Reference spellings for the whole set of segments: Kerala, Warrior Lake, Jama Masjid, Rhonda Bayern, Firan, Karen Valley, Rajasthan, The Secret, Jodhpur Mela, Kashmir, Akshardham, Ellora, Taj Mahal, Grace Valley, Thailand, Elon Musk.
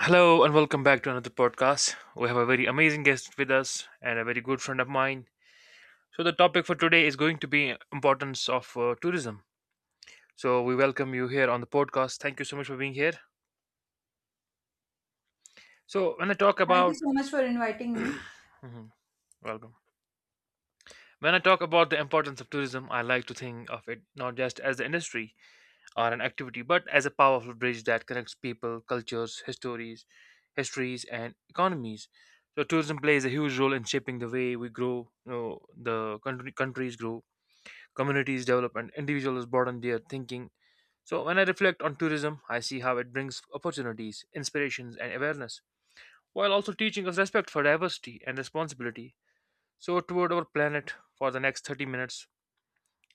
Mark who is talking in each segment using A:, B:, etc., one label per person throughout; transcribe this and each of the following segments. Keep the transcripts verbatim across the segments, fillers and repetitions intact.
A: Hello and welcome back to another podcast. We have a very amazing guest with us and a very good friend of mine. So the topic for today is going to be importance of uh, tourism. So we welcome you here on the podcast. Thank you so much for being here. So when I talk
B: Thank you
A: about.
B: so much for inviting me.
A: Mhm, welcome. When I talk about the importance of tourism, I like to think of it not just as the industry or an activity, but as a powerful bridge that connects people, cultures, histories, histories, and economies. So tourism plays a huge role in shaping the way we grow, you know, the country, countries grow, communities develop, and individuals broaden their thinking. So when I reflect on tourism, I see how it brings opportunities, inspirations, and awareness, while also teaching us respect for diversity and responsibility. So toward our planet for the next thirty minutes,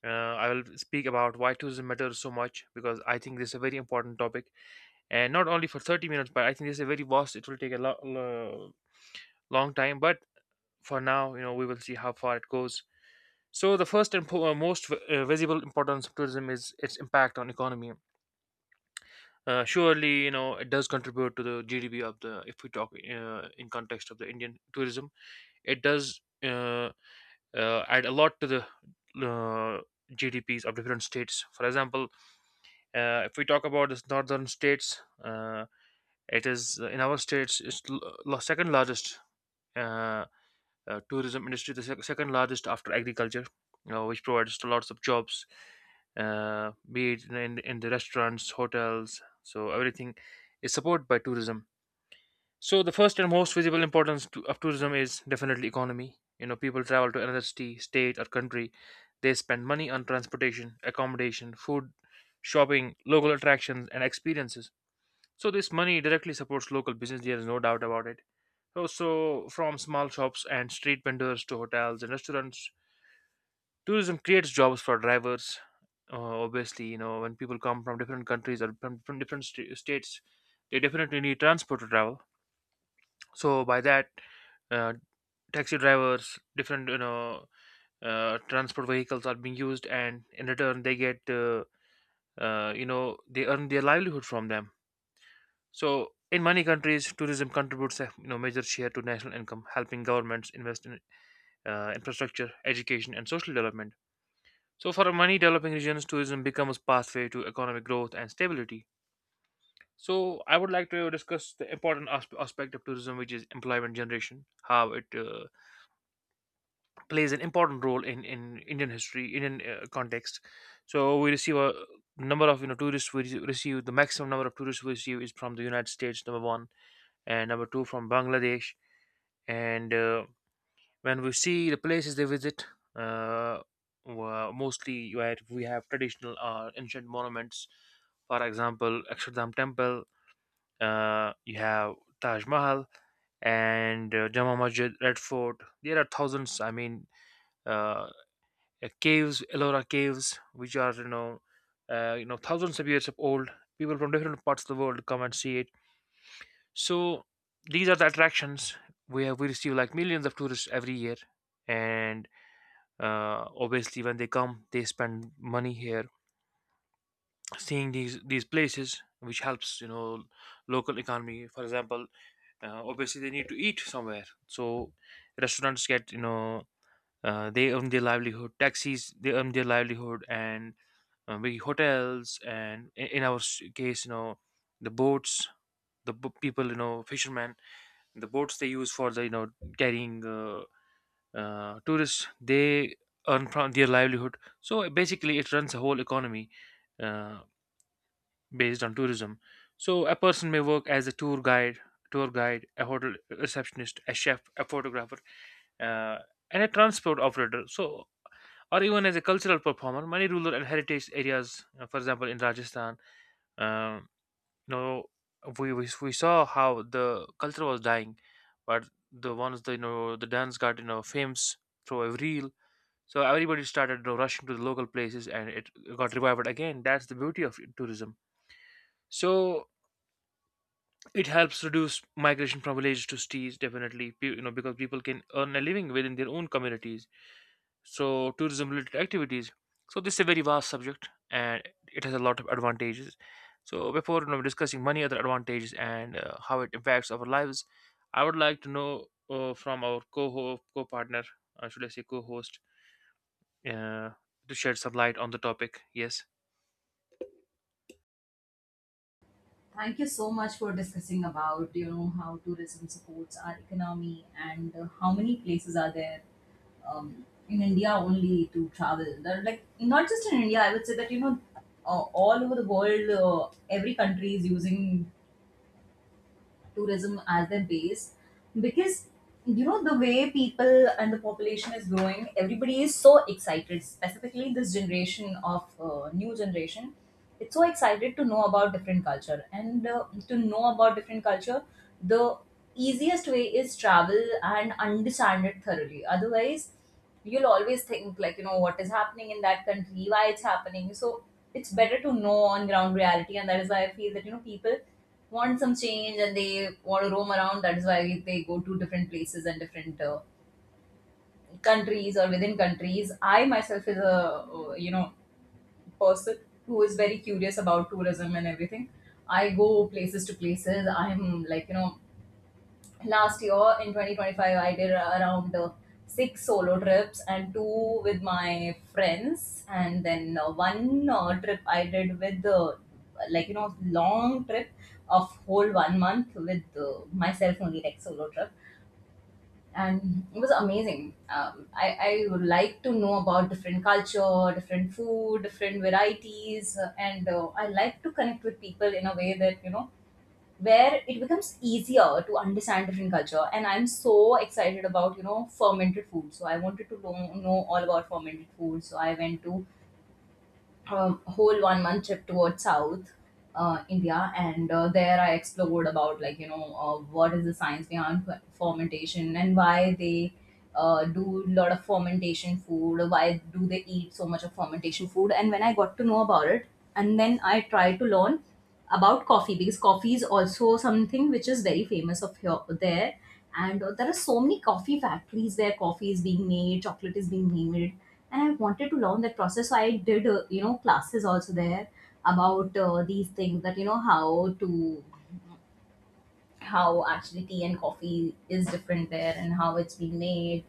A: uh, I will speak about why tourism matters so much, because I think this is a very important topic and not only for thirty minutes, but I think this is a very vast, it will take a lo- lo- long time. But for now, you know, we will see how far it goes. So the first and po- uh, most uh, visible importance of tourism is its impact on economy. Uh, surely, you know, it does contribute to the gdp of the, if we talk uh, in context of the Indian tourism, it does uh, uh, add a lot to the uh, gdps of different states. For example, uh, if we talk about the northern states, uh, it is uh, in our states it's l- uh, la- second largest uh, uh, tourism industry, the sec- second largest after agriculture, you know, which provides lots of jobs, uh, be it in, in in the restaurants, hotels. So everything is supported by tourism. So the first and most visible importance to, of tourism is definitely economy. You know, people travel to another city, state, or country. They spend money on transportation, accommodation, food, shopping, local attractions, and experiences. So this money directly supports local business. There is no doubt about it. So, so, from small shops and street vendors to hotels and restaurants, tourism creates jobs for drivers. Uh, obviously, you know, when people come from different countries or from, from different st- states, they definitely need transport to travel. So by that, uh, taxi drivers, different, you know, uh, transport vehicles are being used, and in return they get, uh, uh, you know, they earn their livelihood from them. So in many countries, tourism contributes a, you know, major share to national income, helping governments invest in uh, infrastructure, education, and social development. So for many developing regions, tourism becomes pathway to economic growth and stability. So I would like to discuss the important asp- aspect of tourism, which is employment generation, how it uh, plays an important role in, in Indian history, Indian uh, context. So we receive a number of, you know, tourists, we rece- receive the maximum number of tourists we receive is from the United States, number one, and number two from Bangladesh. And uh, when we see the places they visit, uh, were mostly where we have traditional or ancient monuments. For example, Akshardham temple. Uh, you have Taj Mahal, and uh, Jama Masjid, Red Fort. There are thousands, I mean, uh, uh, caves, Ellora caves, which are, you know, uh, you know, thousands of years of old. People from different parts of the world come and see it. So these are the attractions where we receive like millions of tourists every year. And uh, obviously when they come, they spend money here, seeing these these places, which helps, you know, local economy. For example, uh, obviously they need to eat somewhere, so restaurants get, you know, uh, they earn their livelihood, taxis they earn their livelihood, and uh, maybe hotels, and i- in our s- case, you know, the boats, the bo- people, you know, fishermen, the boats they use for the, you know, carrying uh, uh, tourists, they earn from their livelihood. So basically it runs a whole economy, uh, based on tourism. So a person may work as a tour guide tour guide, a hotel receptionist, a chef, a photographer, uh, and a transport operator. So or even as a cultural performer, many rural and heritage areas, uh, for example in Rajasthan, uh, you know, we, we we saw how the culture was dying, but the ones, the, you know, the dance got, you know, famous through a reel. So everybody started, you know, rushing to the local places, and it got revived again. That's the beauty of tourism. So it helps reduce migration from villages to cities, definitely pe- you know, because people can earn a living within their own communities. So tourism related activities. So this is a very vast subject, and it has a lot of advantages. So before, you know, discussing many other advantages and uh, how it impacts our lives, I would like to know, uh, from our co co-partner, uh, should I say co-host, uh, to shed some light on the topic. Yes.
B: Thank you so much for discussing about you know how tourism supports our economy and uh, how many places are there um, in India only to travel. There are, like not just in India, I would say that you know uh, all over the world, uh, every country is using tourism as their base because you know the way people and the population is growing, everybody is so excited, specifically this generation of uh, new generation. It's so excited to know about different culture and uh, to know about different culture the easiest way is travel and understand it thoroughly. Otherwise you'll always think, like you know what is happening in that country, why it's happening. So it's better to know on ground reality, and that is why I feel that you know people want some change and they want to roam around. That is why they go to different places and different uh, countries or within countries. I myself is a uh, you know person who is very curious about tourism and everything. I go places to places. I'm like you know last year in twenty twenty-five I did around uh, six solo trips and two with my friends, and then uh, one uh, trip I did with the, like you know long trip of whole one month with uh, myself only, like solo trip, and it was amazing. Um, I, I would like to know about different culture, different food, different varieties, uh, and uh, I like to connect with people in a way that you know where it becomes easier to understand different culture. And I'm so excited about you know fermented food, so I wanted to know, know all about fermented food. So I went to um, whole one month trip towards South uh, India, and uh, there I explored about, like you know uh, what is the science behind f- fermentation and why they uh, do a lot of fermentation food, why do they eat so much of fermentation food. And when I got to know about it, and then I tried to learn about coffee, because coffee is also something which is very famous of here there. And uh, there are so many coffee factories where coffee is being made, chocolate is being made, and I wanted to learn that process. So I did, uh, you know, classes also there about uh, these things that you know how to, how actually tea and coffee is different there and how it's being made.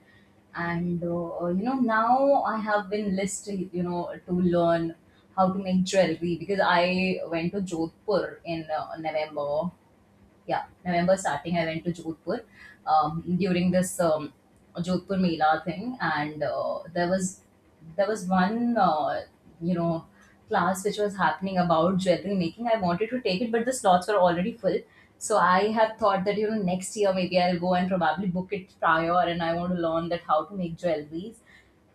B: And uh, uh, you know now I have been list, you know to learn how to make jewelry, because I went to Jodhpur in uh, November, yeah, November starting. I went to Jodhpur um, during this um, Jodhpur Mela thing, and uh, there was, there was one uh, you know class which was happening about jewelry making. I wanted to take it, but the slots were already full. So I have thought that you know next year maybe I'll go and probably book it prior, and I want to learn that how to make jewelries.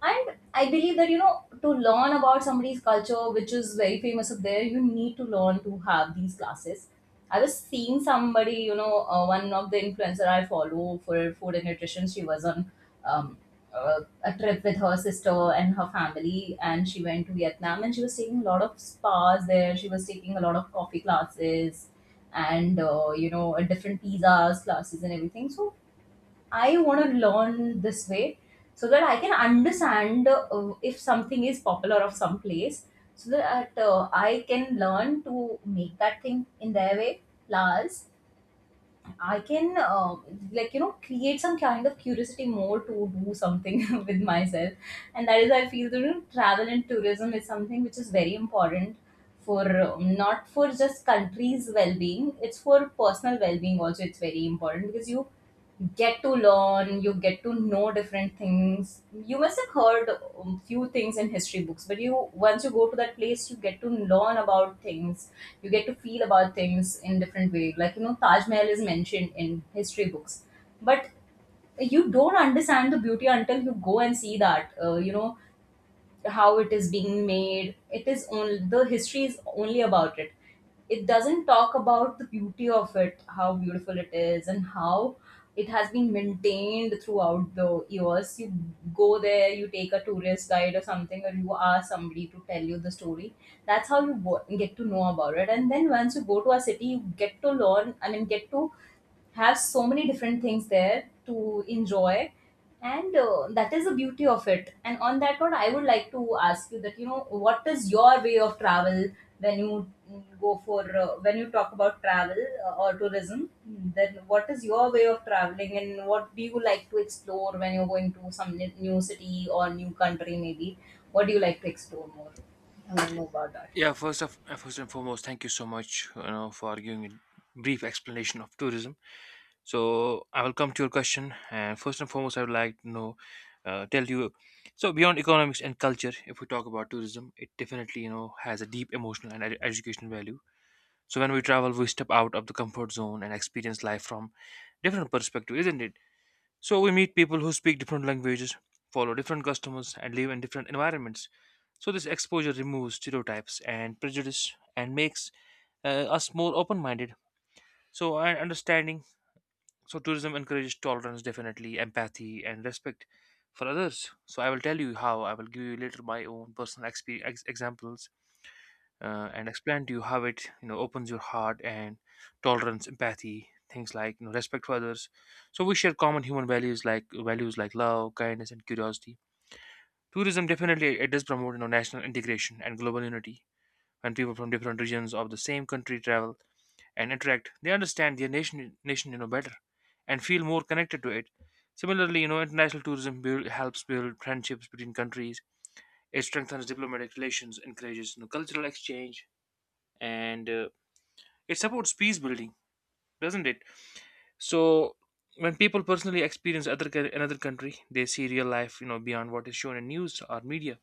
B: And I believe that, you know, to learn about somebody's culture, which is very famous up there, you need to learn to have these classes. I was seeing somebody, you know, uh, one of the influencer I follow for food and nutrition. She was on um, uh, a trip with her sister and her family, and she went to Vietnam, and she was taking a lot of spas there. She was taking a lot of coffee classes and, uh, you know, different pizzas classes and everything. So I want to learn this way, so that I can understand uh, if something is popular of some place, so that uh, I can learn to make that thing in their way. Plus, I can uh, like you know create some kind of curiosity more to do something with myself. And that is, I feel that you know, travel and tourism is something which is very important for, um, not for just country's well-being, it's for personal well-being also. It's very important because you get to learn, you get to know different things. You must have heard um, few things in history books, but you, once you go to that place you get to learn about things, you get to feel about things in different way. Like you know Taj Mahal is mentioned in history books, but you don't understand the beauty until you go and see that, uh, you know how it is being made. It is only the history is only about it, it doesn't talk about the beauty of it, how beautiful it is and how it has been maintained throughout the years. You go there, you take a tourist guide or something, or you ask somebody to tell you the story. That's how you go- get to know about it. And then once you go to a city, you get to learn, I mean get to have so many different things there to enjoy. And uh, that is the beauty of it. And on that note, I would like to ask you that you know what is your way of travel when you mm, go for, uh, when you talk about travel, uh, or tourism, then what is your way of traveling, and what do you like to explore when you're going to some n- new city or new country maybe? What do you like to explore more? I want to know about that.
A: Yeah, first of, uh, first and foremost, thank you so much, you know, for giving a brief explanation of tourism. So I will come to your question, and first and foremost, I would like to know, uh, tell you. So beyond economics and culture, if we talk about tourism, it definitely, you know, has a deep emotional and ed- educational value. So when we travel, we step out of the comfort zone and experience life from different perspective, isn't it? So we meet people who speak different languages, follow different customers, and live in different environments. So this exposure removes stereotypes and prejudice and makes uh, us more open-minded. So and understanding, so tourism encourages tolerance, definitely empathy and respect for others. So I will tell you how. I will give you later my own personal expe- ex- examples uh, and explain to you how it, you know, opens your heart and tolerance, empathy, things like, you know, respect for others. So we share common human values like values like love, kindness, and curiosity. Tourism definitely it does promote, you know, national integration and global unity. When people from different regions of the same country travel and interact, they understand their nation, nation, you know, better and feel more connected to it. Similarly, you know, international tourism build, helps build friendships between countries. It strengthens diplomatic relations, encourages, you know, cultural exchange, and uh, it supports peace building, doesn't it? So when people personally experience other coun- another country, they see real life, you know, beyond what is shown in news or media,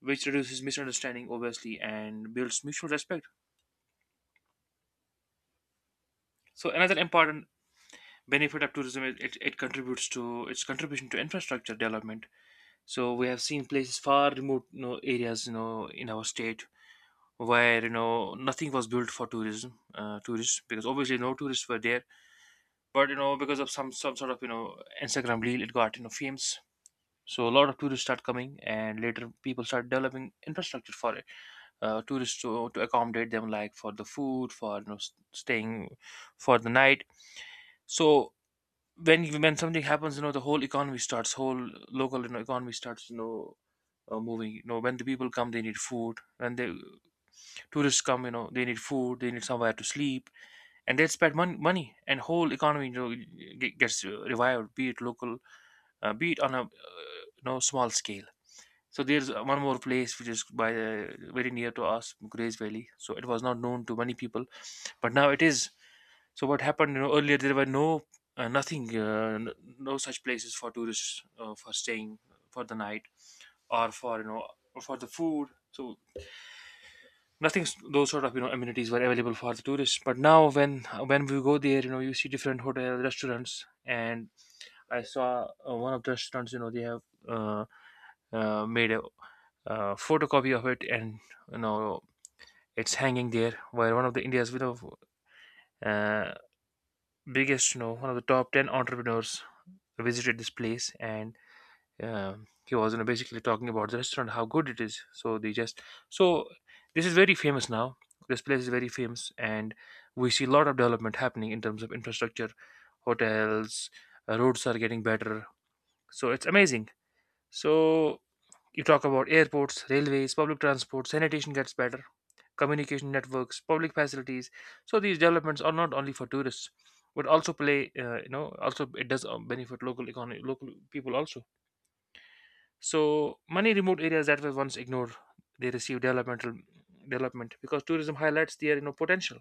A: which reduces misunderstanding, obviously, and builds mutual respect. So another important benefit of tourism is it, it contributes to its contribution to infrastructure development. So we have seen places far remote, you know, areas, you know, in our state, where, you know, nothing was built for tourism uh, tourists, because obviously no tourists were there. But you know, because of some some sort of, you know, Instagram reel, it got, you know, famous. So a lot of tourists start coming, and later people start developing infrastructure for it, uh, tourists to, to accommodate them, like for the food, for, you know, s- staying for the night. So when you- when something happens, you know, the whole economy starts, whole local, you know, economy starts, you know, uh, moving. You know, when the people come, they need food. When the tourists come, you know, they need food. They need somewhere to sleep, and they'll spend mon- money, and whole economy, you know, ge- gets uh, revived, be it local uh, be it on a uh, you know small scale. So there's uh, one more place, which is by uh, very near to us, Grace Valley. So it was not known to many people, but now it is. So what happened, you know, earlier there were no uh, nothing uh, n- no such places for tourists uh, for staying for the night, or for you know for the food. So nothing, s- those sort of, you know, amenities were available for the tourists. But now, when when we go there, you know, you see different hotel restaurants. And I saw uh, one of the restaurants, you know, they have uh, uh, made a uh, photocopy of it, and, you know, it's hanging there, where one of the india's, you know, uh, biggest, you know, one of the top ten entrepreneurs visited this place. And uh, he was, you know, basically talking about the restaurant, how good it is. So they just, so this is very famous now. This place is very famous, and we see a lot of development happening in terms of infrastructure, hotels. Uh, roads are getting better. So it's amazing. So you talk about airports, railways, public transport, sanitation gets better, communication networks, public facilities. So these developments are not only for tourists, but also play, uh, you know also it does uh, benefit local economy, local people also. So many remote areas that were once ignored, they receive developmental development, because tourism highlights their, you know, potential.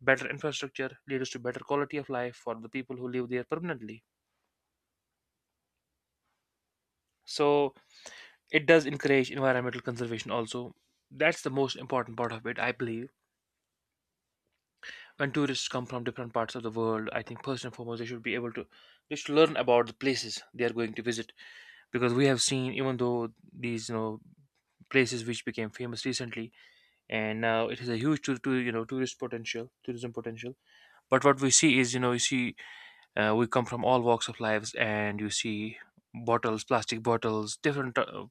A: Better infrastructure leads to better quality of life for the people who live there permanently. So it does encourage environmental conservation also. That's the most important part of it, I believe. When tourists come from different parts of the world, I think first and foremost they should be able to they should learn about the places they are going to visit. Because we have seen, even though these, you know, places which became famous recently, and uh, it is a huge to, to you know, tourist potential tourism potential. But what we see is, you know, you see uh, we come from all walks of lives, and you see bottles, plastic bottles, different uh,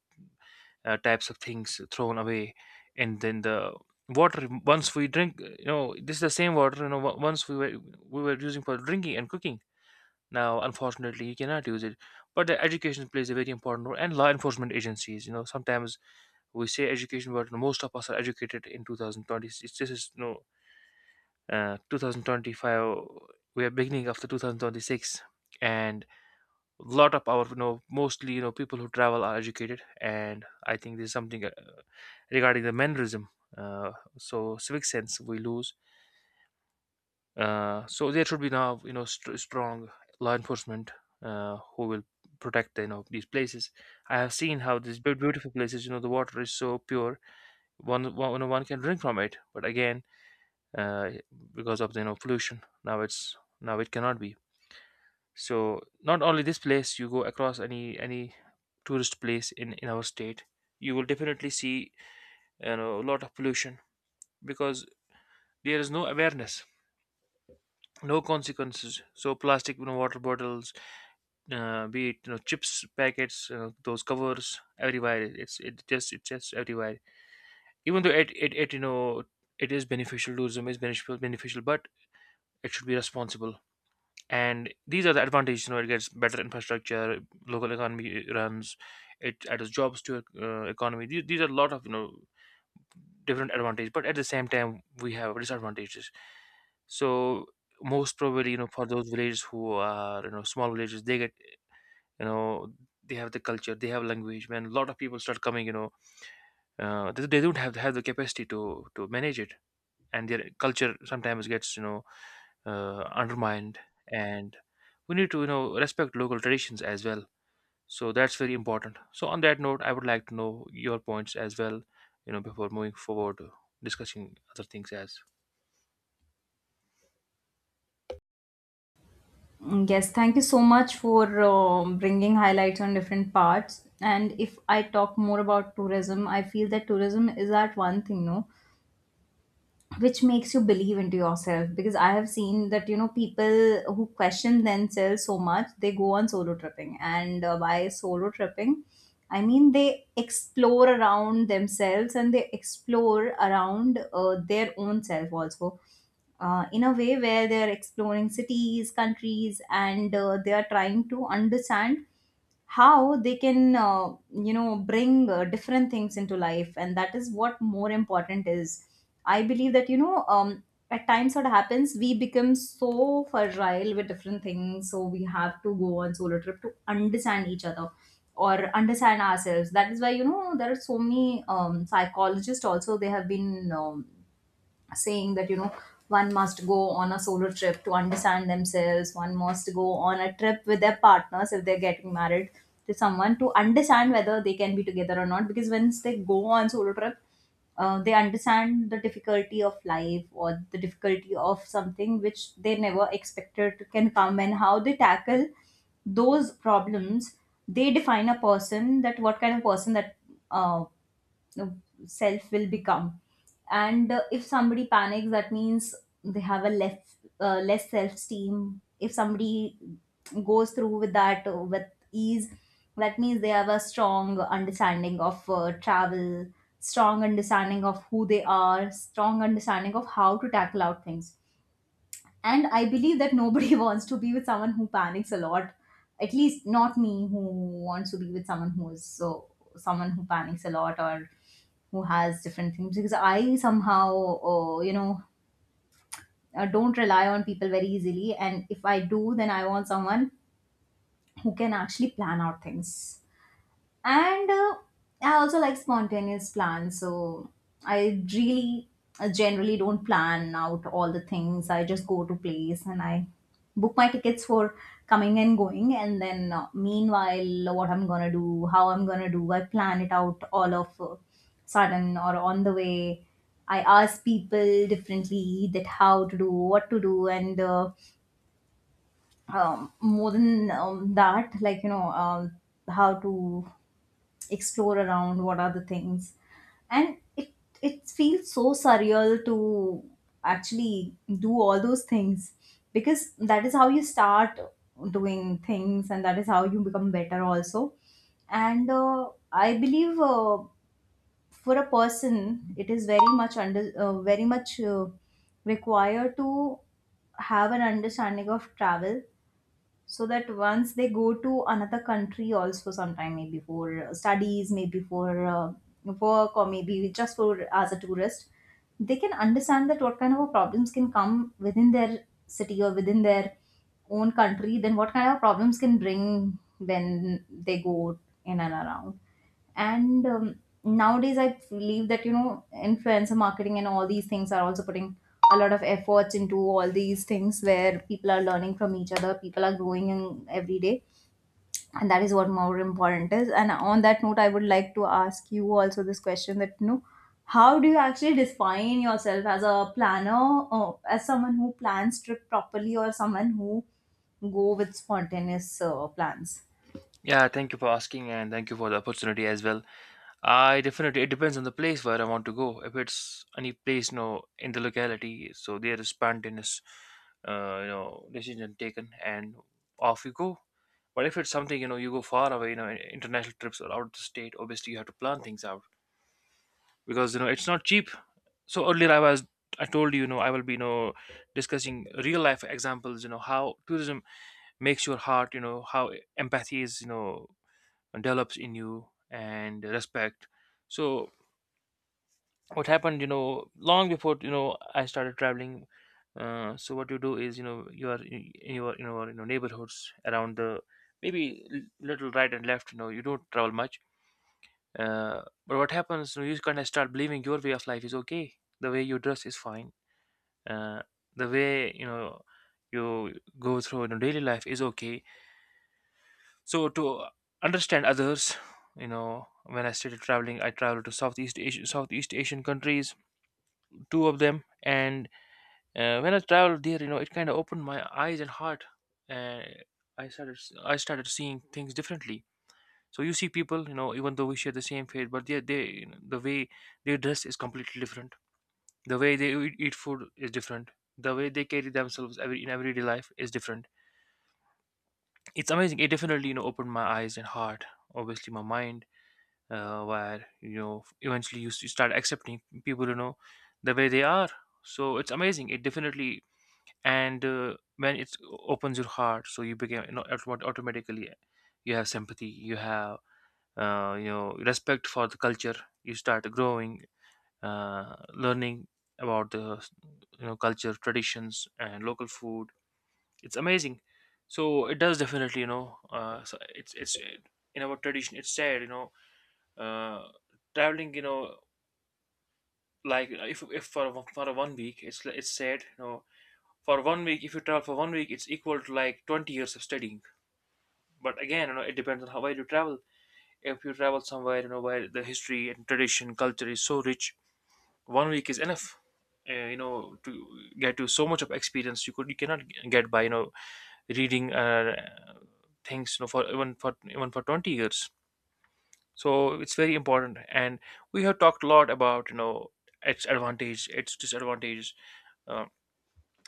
A: uh, types of things thrown away. And then the water once we drink, uh, you know, this is the same water, you know, on- once we were we were using for drinking and cooking, now unfortunately you cannot use it. But the education plays a very important role, and law enforcement agencies, you know. Sometimes we say education, but most of us are educated in two thousand twenty. It's, this is no uh, two thousand twenty-five. We are beginning of the two thousand twenty-six. And a lot of our, you know, mostly, you know, people who travel are educated, and I think there's something uh, regarding the mannerism. uh, so civic sense we lose. Uh, so there should be now, you know, st- strong law enforcement uh, who will protect, you know, these places. I have seen how these beau- beautiful places, you know, the water is so pure, one one, you know, one can drink from it. But again, uh, because of the, you know, pollution, now it's now it cannot be. So not only this place, you go across any any tourist place in in our state, you will definitely see, you know, a lot of pollution. Because there is no awareness, no consequences. So plastic, you know, water bottles, uh, be it, you know, chips packets, you know, those covers everywhere. It's it just it's just everywhere. Even though it, it it, you know, it is beneficial, tourism is beneficial beneficial, but it should be responsible. And these are the advantages, you know. It gets better infrastructure, local economy runs, it adds jobs to uh, economy. These, these are a lot of, you know, different advantages, but at the same time we have disadvantages. So most probably, you know, for those villages who are, you know, small villages, they get, you know, they have the culture, they have language. When a lot of people start coming, you know, uh, they, they don't have have the capacity to to manage it, and their culture sometimes gets, you know, uh, undermined. And we need to, you know, respect local traditions as well. So that's very important. So on that note, I would like to know your points as well, you know, before moving forward to discussing other things as.
B: Mm, yes, thank you so much for uh, bringing highlights on different parts. And if I talk more about tourism, I feel that tourism is that one thing, no, which makes you believe into yourself? Because I have seen that you know people who question themselves so much, they go on solo tripping. And uh, by solo tripping I mean they explore around themselves, and they explore around uh, their own self also, uh, in a way where they are exploring cities, countries, and uh, they are trying to understand how they can, uh, you know bring uh, different things into life. And that is what more important is. I believe that you know um, at times what happens, we become so fragile with different things, so we have to go on solo trip to understand each other or understand ourselves. That is why you know there are so many um, psychologists also, they have been um, saying that you know one must go on a solo trip to understand themselves. One must go on a trip with their partners if they're getting married to someone, to understand whether they can be together or not. Because once they go on solo trip, uh, they understand the difficulty of life, or the difficulty of something which they never expected to- can come, and how they tackle those problems, they define a person, that what kind of person that uh, self will become. And uh, if somebody panics, that means they have a less uh, less self esteem. If somebody goes through with that, uh, with ease, that means they have a strong understanding of uh, travel, strong understanding of who they are, strong understanding of how to tackle out things. And I believe that nobody wants to be with someone who panics a lot. At least not me, who wants to be with someone who is so, someone who panics a lot or who has different things. Because I somehow uh, you know uh, don't rely on people very easily. And if I do, then I want someone who can actually plan out things. And uh, I also like spontaneous plans. So I really uh, generally don't plan out all the things. I just go to place and I book my tickets for coming and going, and then uh, meanwhile what I'm gonna do, how I'm gonna do, I plan it out all of uh, sudden or on the way. I ask people differently that how to do, what to do, and uh, um, more than, um, that, like you know um, how to explore around, what are the things. And it it feels so surreal to actually do all those things, because that is how you start doing things and that is how you become better also. And uh, I believe, uh, for a person it is very much under, uh, very much uh, required to have an understanding of travel, so that once they go to another country also, sometime maybe for uh, studies, maybe for uh, work, or maybe just for as a tourist, they can understand that what kind of a problems can come within their city or within their own country, then what kind of problems can bring when they go in and around. And um, nowadays I believe that you know influencer marketing and all these things are also putting a lot of efforts into all these things, where People are learning from each other, people are growing in every day, and that is what more important is. And on that note, I would like to ask you also this question, that you know, how do you actually define yourself as a planner, or as someone who plans trip properly, or someone who go with spontaneous uh, plans?
A: Yeah, thank you for asking, and thank you for the opportunity as well. I definitely, it depends on the place where I want to go. If it's any place, no, in the locality, so there is spontaneous, uh, you know, decision taken, and off you go. But if it's something, you know, you go far away, you know, international trips or out of the state, obviously you have to plan things out, because you know it's not cheap. So earlier I was, I told you, you know, I will be, you know, discussing real life examples, you know, how tourism makes your heart, you know, how empathy is, you know, develops in you, and respect. So what happened, you know, long before, you know, I started traveling. Uh, so what you do is, you know, you are in in your, you know you know, neighborhoods around the, maybe l- little right and left, you know, you don't travel much. Uh, but what happens, you kind of start believing your way of life is okay, the way you dress is fine, uh, the way, you know, you go through, you know, daily life is okay. So to understand others, you know, when I started traveling, I traveled to southeast asian Southeast Asian countries, two of them. And uh, when I traveled there, you know, it kind of opened my eyes and heart, and I started, s- I started seeing things differently. So you see people, you know, even though we share the same fate, but they they, you know, the way they dress is completely different. The way they eat eat food is different. The way they carry themselves every, in everyday life is different. It's amazing. It definitely, you know, opened my eyes and heart, obviously my mind, uh, where, you know, eventually you, s- you start accepting people, you know, the way they are. So it's amazing. It definitely, and uh, when it opens your heart, so you become, you know, automat- automatically, you have sympathy, you have, uh, you know, respect for the culture. You start growing, uh, learning about the, you know, culture, traditions, and local food. It's amazing. So it does definitely, you know. Uh, so it's it's In our tradition, it's said, you know, uh, traveling, you know, like, if if for a- for a one week, it's it's said, you know, for one week, if you travel for one week, it's equal to like twenty years of studying. But again, you know, it depends on how where you travel. If you travel somewhere, you know, where the history and tradition, culture is so rich, one week is enough, uh, you know, to get you so much of experience. You could you cannot get by, you know, reading uh, things, you know, for even for even for twenty years. So it's very important. And we have talked a lot about, you know, its advantage, its disadvantages. uh,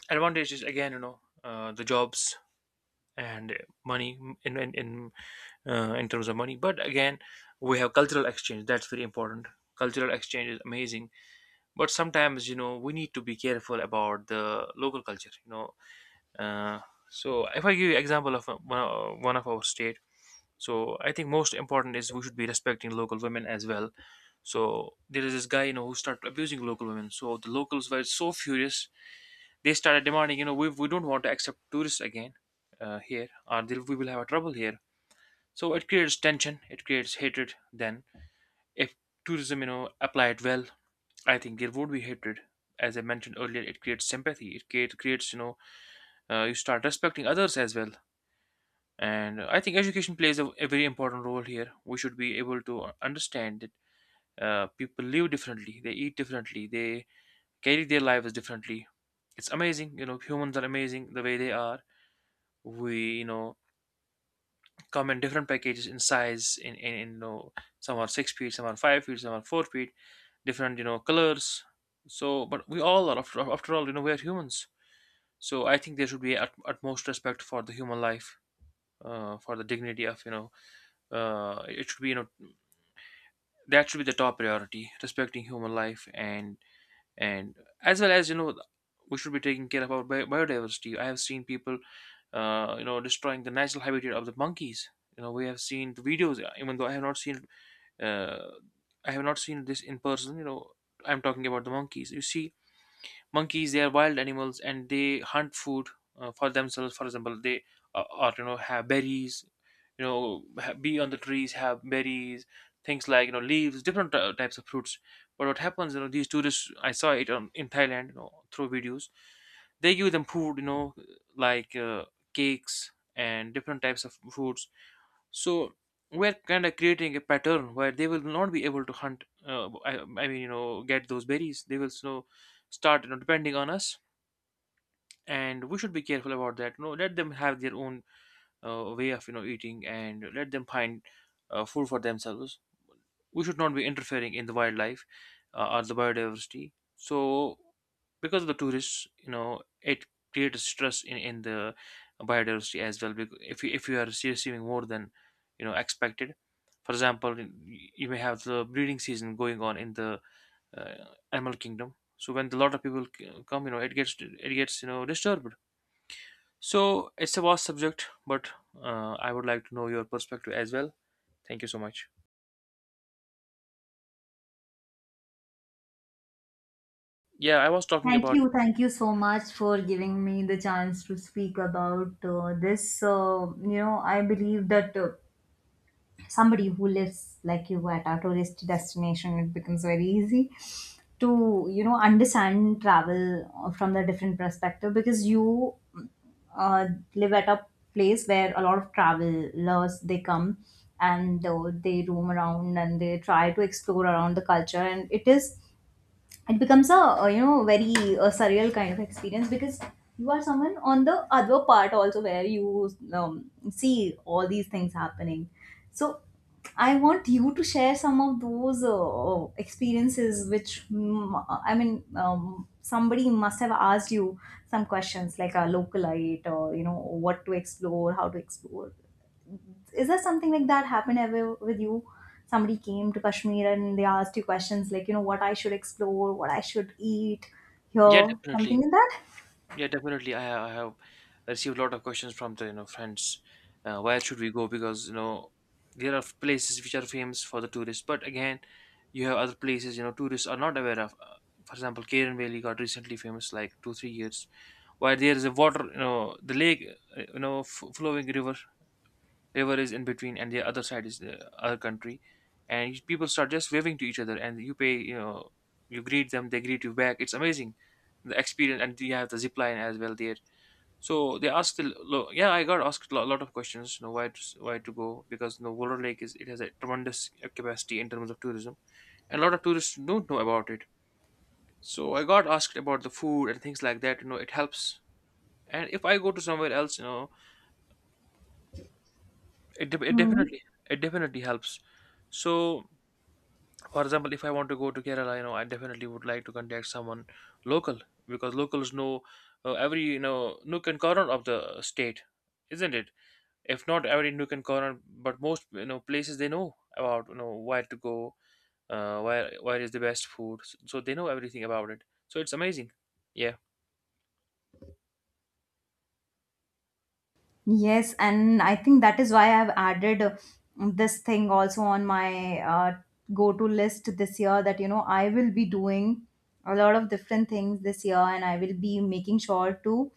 A: Advantages again, you know, uh, the jobs and money in in, in uh, in terms of money. But again, we have cultural exchange, that's very important. Cultural exchange is amazing. But sometimes, you know, we need to be careful about the local culture, you know. uh, so if I give you example of uh, one of one of our state. So I think most important is we should be respecting local women as well. So there is this guy, you know, who started abusing local women, so the locals were so furious. They started demanding, you know, we, we don't want to accept tourists again uh, here or there, we will have a trouble here. So it creates tension, it creates hatred. Then if tourism, you know, applied well, I think there would be hatred. As I mentioned earlier, it creates sympathy. It create, creates, you know, uh, you start respecting others as well. And I think education plays a, a very important role here. We should be able to understand that uh, people live differently, they eat differently, they carry their lives differently. It's amazing, you know. Humans are amazing the way they are. We, you know, come in different packages in size, in, in, in you know, some are six feet, some are five feet, some are four feet, different, you know, colors. So, but we all are, after, after all, you know, we are humans. So I think there should be at, utmost respect for the human life, uh, for the dignity of, you know, uh, it should be you know that should be the top priority, respecting human life. And and as well as, you know, we should be taking care of our bi- biodiversity. I have seen people, uh, you know, destroying the natural habitat of the monkeys. You know, we have seen the videos, even though I have not seen, uh, I have not seen this in person. You know, I'm talking about the monkeys. You see, monkeys, they are wild animals, and they hunt food uh, for themselves. For example, they uh, or you know have berries, you know, ha- be on the trees, have berries, things like, you know, leaves, different uh, types of fruits. But what happens, you know, these tourists, I saw it on, in Thailand, you know, through videos. They give them food, you know, like uh, cakes and different types of foods. So we're kind of creating a pattern where they will not be able to hunt. Uh, I, I mean, you know, get those berries. They will, you know, start, you know, depending on us. And we should be careful about that. No, let them have their own uh, way of, you know, eating, and let them find uh, food for themselves. We should not be interfering in the wildlife, uh, or the biodiversity. So because of the tourists, you know, it creates stress in, in the biodiversity as well. Because if you, if you are receiving more than, you know, expected, for example, y- you may have the breeding season going on in the uh, animal kingdom. So when a lot of people c- come, you know, it gets it gets, you know, disturbed. So it's a vast subject, but uh, I would like to know your perspective as well. Thank you so much. Yeah, I was talking
B: Thank
A: about.
B: you, thank you so much for giving me the chance to speak about uh, this. Uh, you know, I believe that uh, somebody who lives like you at a tourist destination, it becomes very easy to, you know, understand travel uh, from the different perspective, because you uh, live at a place where a lot of travelers they come, and uh, they roam around and they try to explore around the culture, and it is it becomes a, uh, you know, very uh, surreal kind of experience, because you are someone on the other part also where you um, see all these things happening. So I want you to share some of those uh, experiences which, mm, I mean, um, somebody must have asked you some questions like a localite, or you know, what to explore, how to explore. Is there something like that happened ever with you? Somebody came to Kashmir and they asked you questions like, you know, what I should explore, what I should eat
A: Yeah,
B: here, something
A: definitely.
B: like that?
A: Yeah, definitely. I ha- I have received a lot of questions from the, you know, friends. Uh, where should we go? Because, you know, there are places which are famous for the tourists, but again, you have other places, you know, tourists are not aware of. Uh, for example, Karen Valley got recently famous like two three years. While there is a water, you know, the lake, uh, you know, f- flowing river, river is in between, and the other side is the other country. And people start just waving to each other, and you pay, you know, you greet them, they greet you back. It's amazing, the experience. And you have the zip line as well there. So they asked, a lo- yeah, I got asked a lo- lot of questions, you know, why to, s- why to go, because you know, Warrior Lake is, it has a tremendous capacity in terms of tourism, and a lot of tourists don't know about it. So I got asked about the food and things like that. You know, it helps. And if I go to somewhere else, you know, it de- it
B: Hmm.
A: definitely it definitely helps. So, for example, if I want to go to Kerala, you know, I definitely would like to contact someone local. Because locals know uh, every, you know, nook and corner of the state, isn't it? If not every nook and corner, but most, you know, places they know about, you know, where to go, uh, where where is the best food, so, so they know everything about it. So it's amazing. Yeah.
B: Yes, and I think that is why I've added uh, this thing also on my uh, go to list this year, that you know, I will be doing a lot of different things this year, and I will be making sure to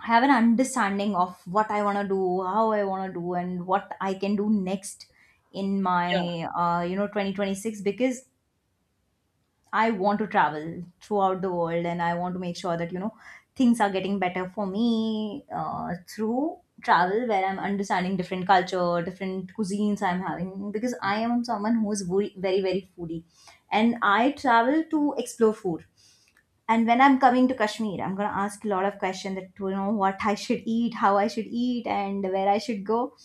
B: have an understanding of what I want to do, how I want to do, and what I can do next in
A: Yeah.
B: my uh, you know, twenty twenty-six, because I want to travel throughout the world, and I want to make sure that you know, things are getting better for me uh, through travel, where I'm understanding different culture, different cuisines I'm having, because
A: Mm.
B: I am someone who is very, very, very foodie, and I travel to explore food. And when I'm coming to Kashmir, I'm gonna ask a lot of questions that you know, what I should eat, how I should eat, and where I should go.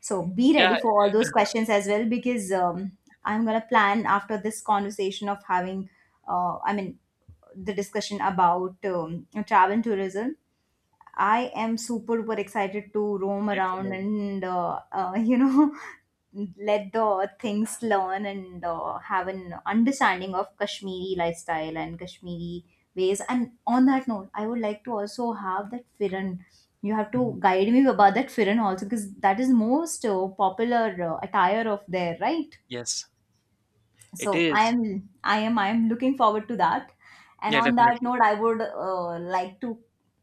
B: So be
A: Yeah.
B: ready for all those questions as well, because um, I'm gonna plan after this conversation of having, uh, I mean, the discussion about um, travel and tourism. I am super, super excited to roam
A: It's
B: around
A: amazing.
B: and uh, uh, you know, let the things learn, and uh, have an understanding of Kashmiri lifestyle and Kashmiri ways. And on that note, I would like to also have that Firan. You have to
A: Mhm.
B: guide me about that Firan also, because that is most uh, popular uh, attire of there, right?
A: Yes,
B: So
A: it
B: i
A: is.
B: am i am I am looking forward to that. And
A: Yeah,
B: on that
A: definitely.
B: note, I would uh, like to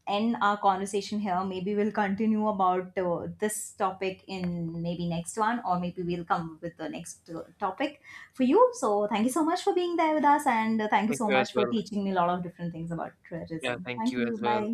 B: end our conversation here. Maybe we'll continue about uh, this topic in maybe next one, or maybe we'll come with the next uh, topic for you. So thank you so much for being there with us, and uh, thank you
A: Thank
B: so
A: you as
B: much for
A: well.
B: teaching me a lot of different things about
A: Yeah,
B: tourism.
A: thank
B: Thank
A: you
B: you.
A: as well.
B: Bye.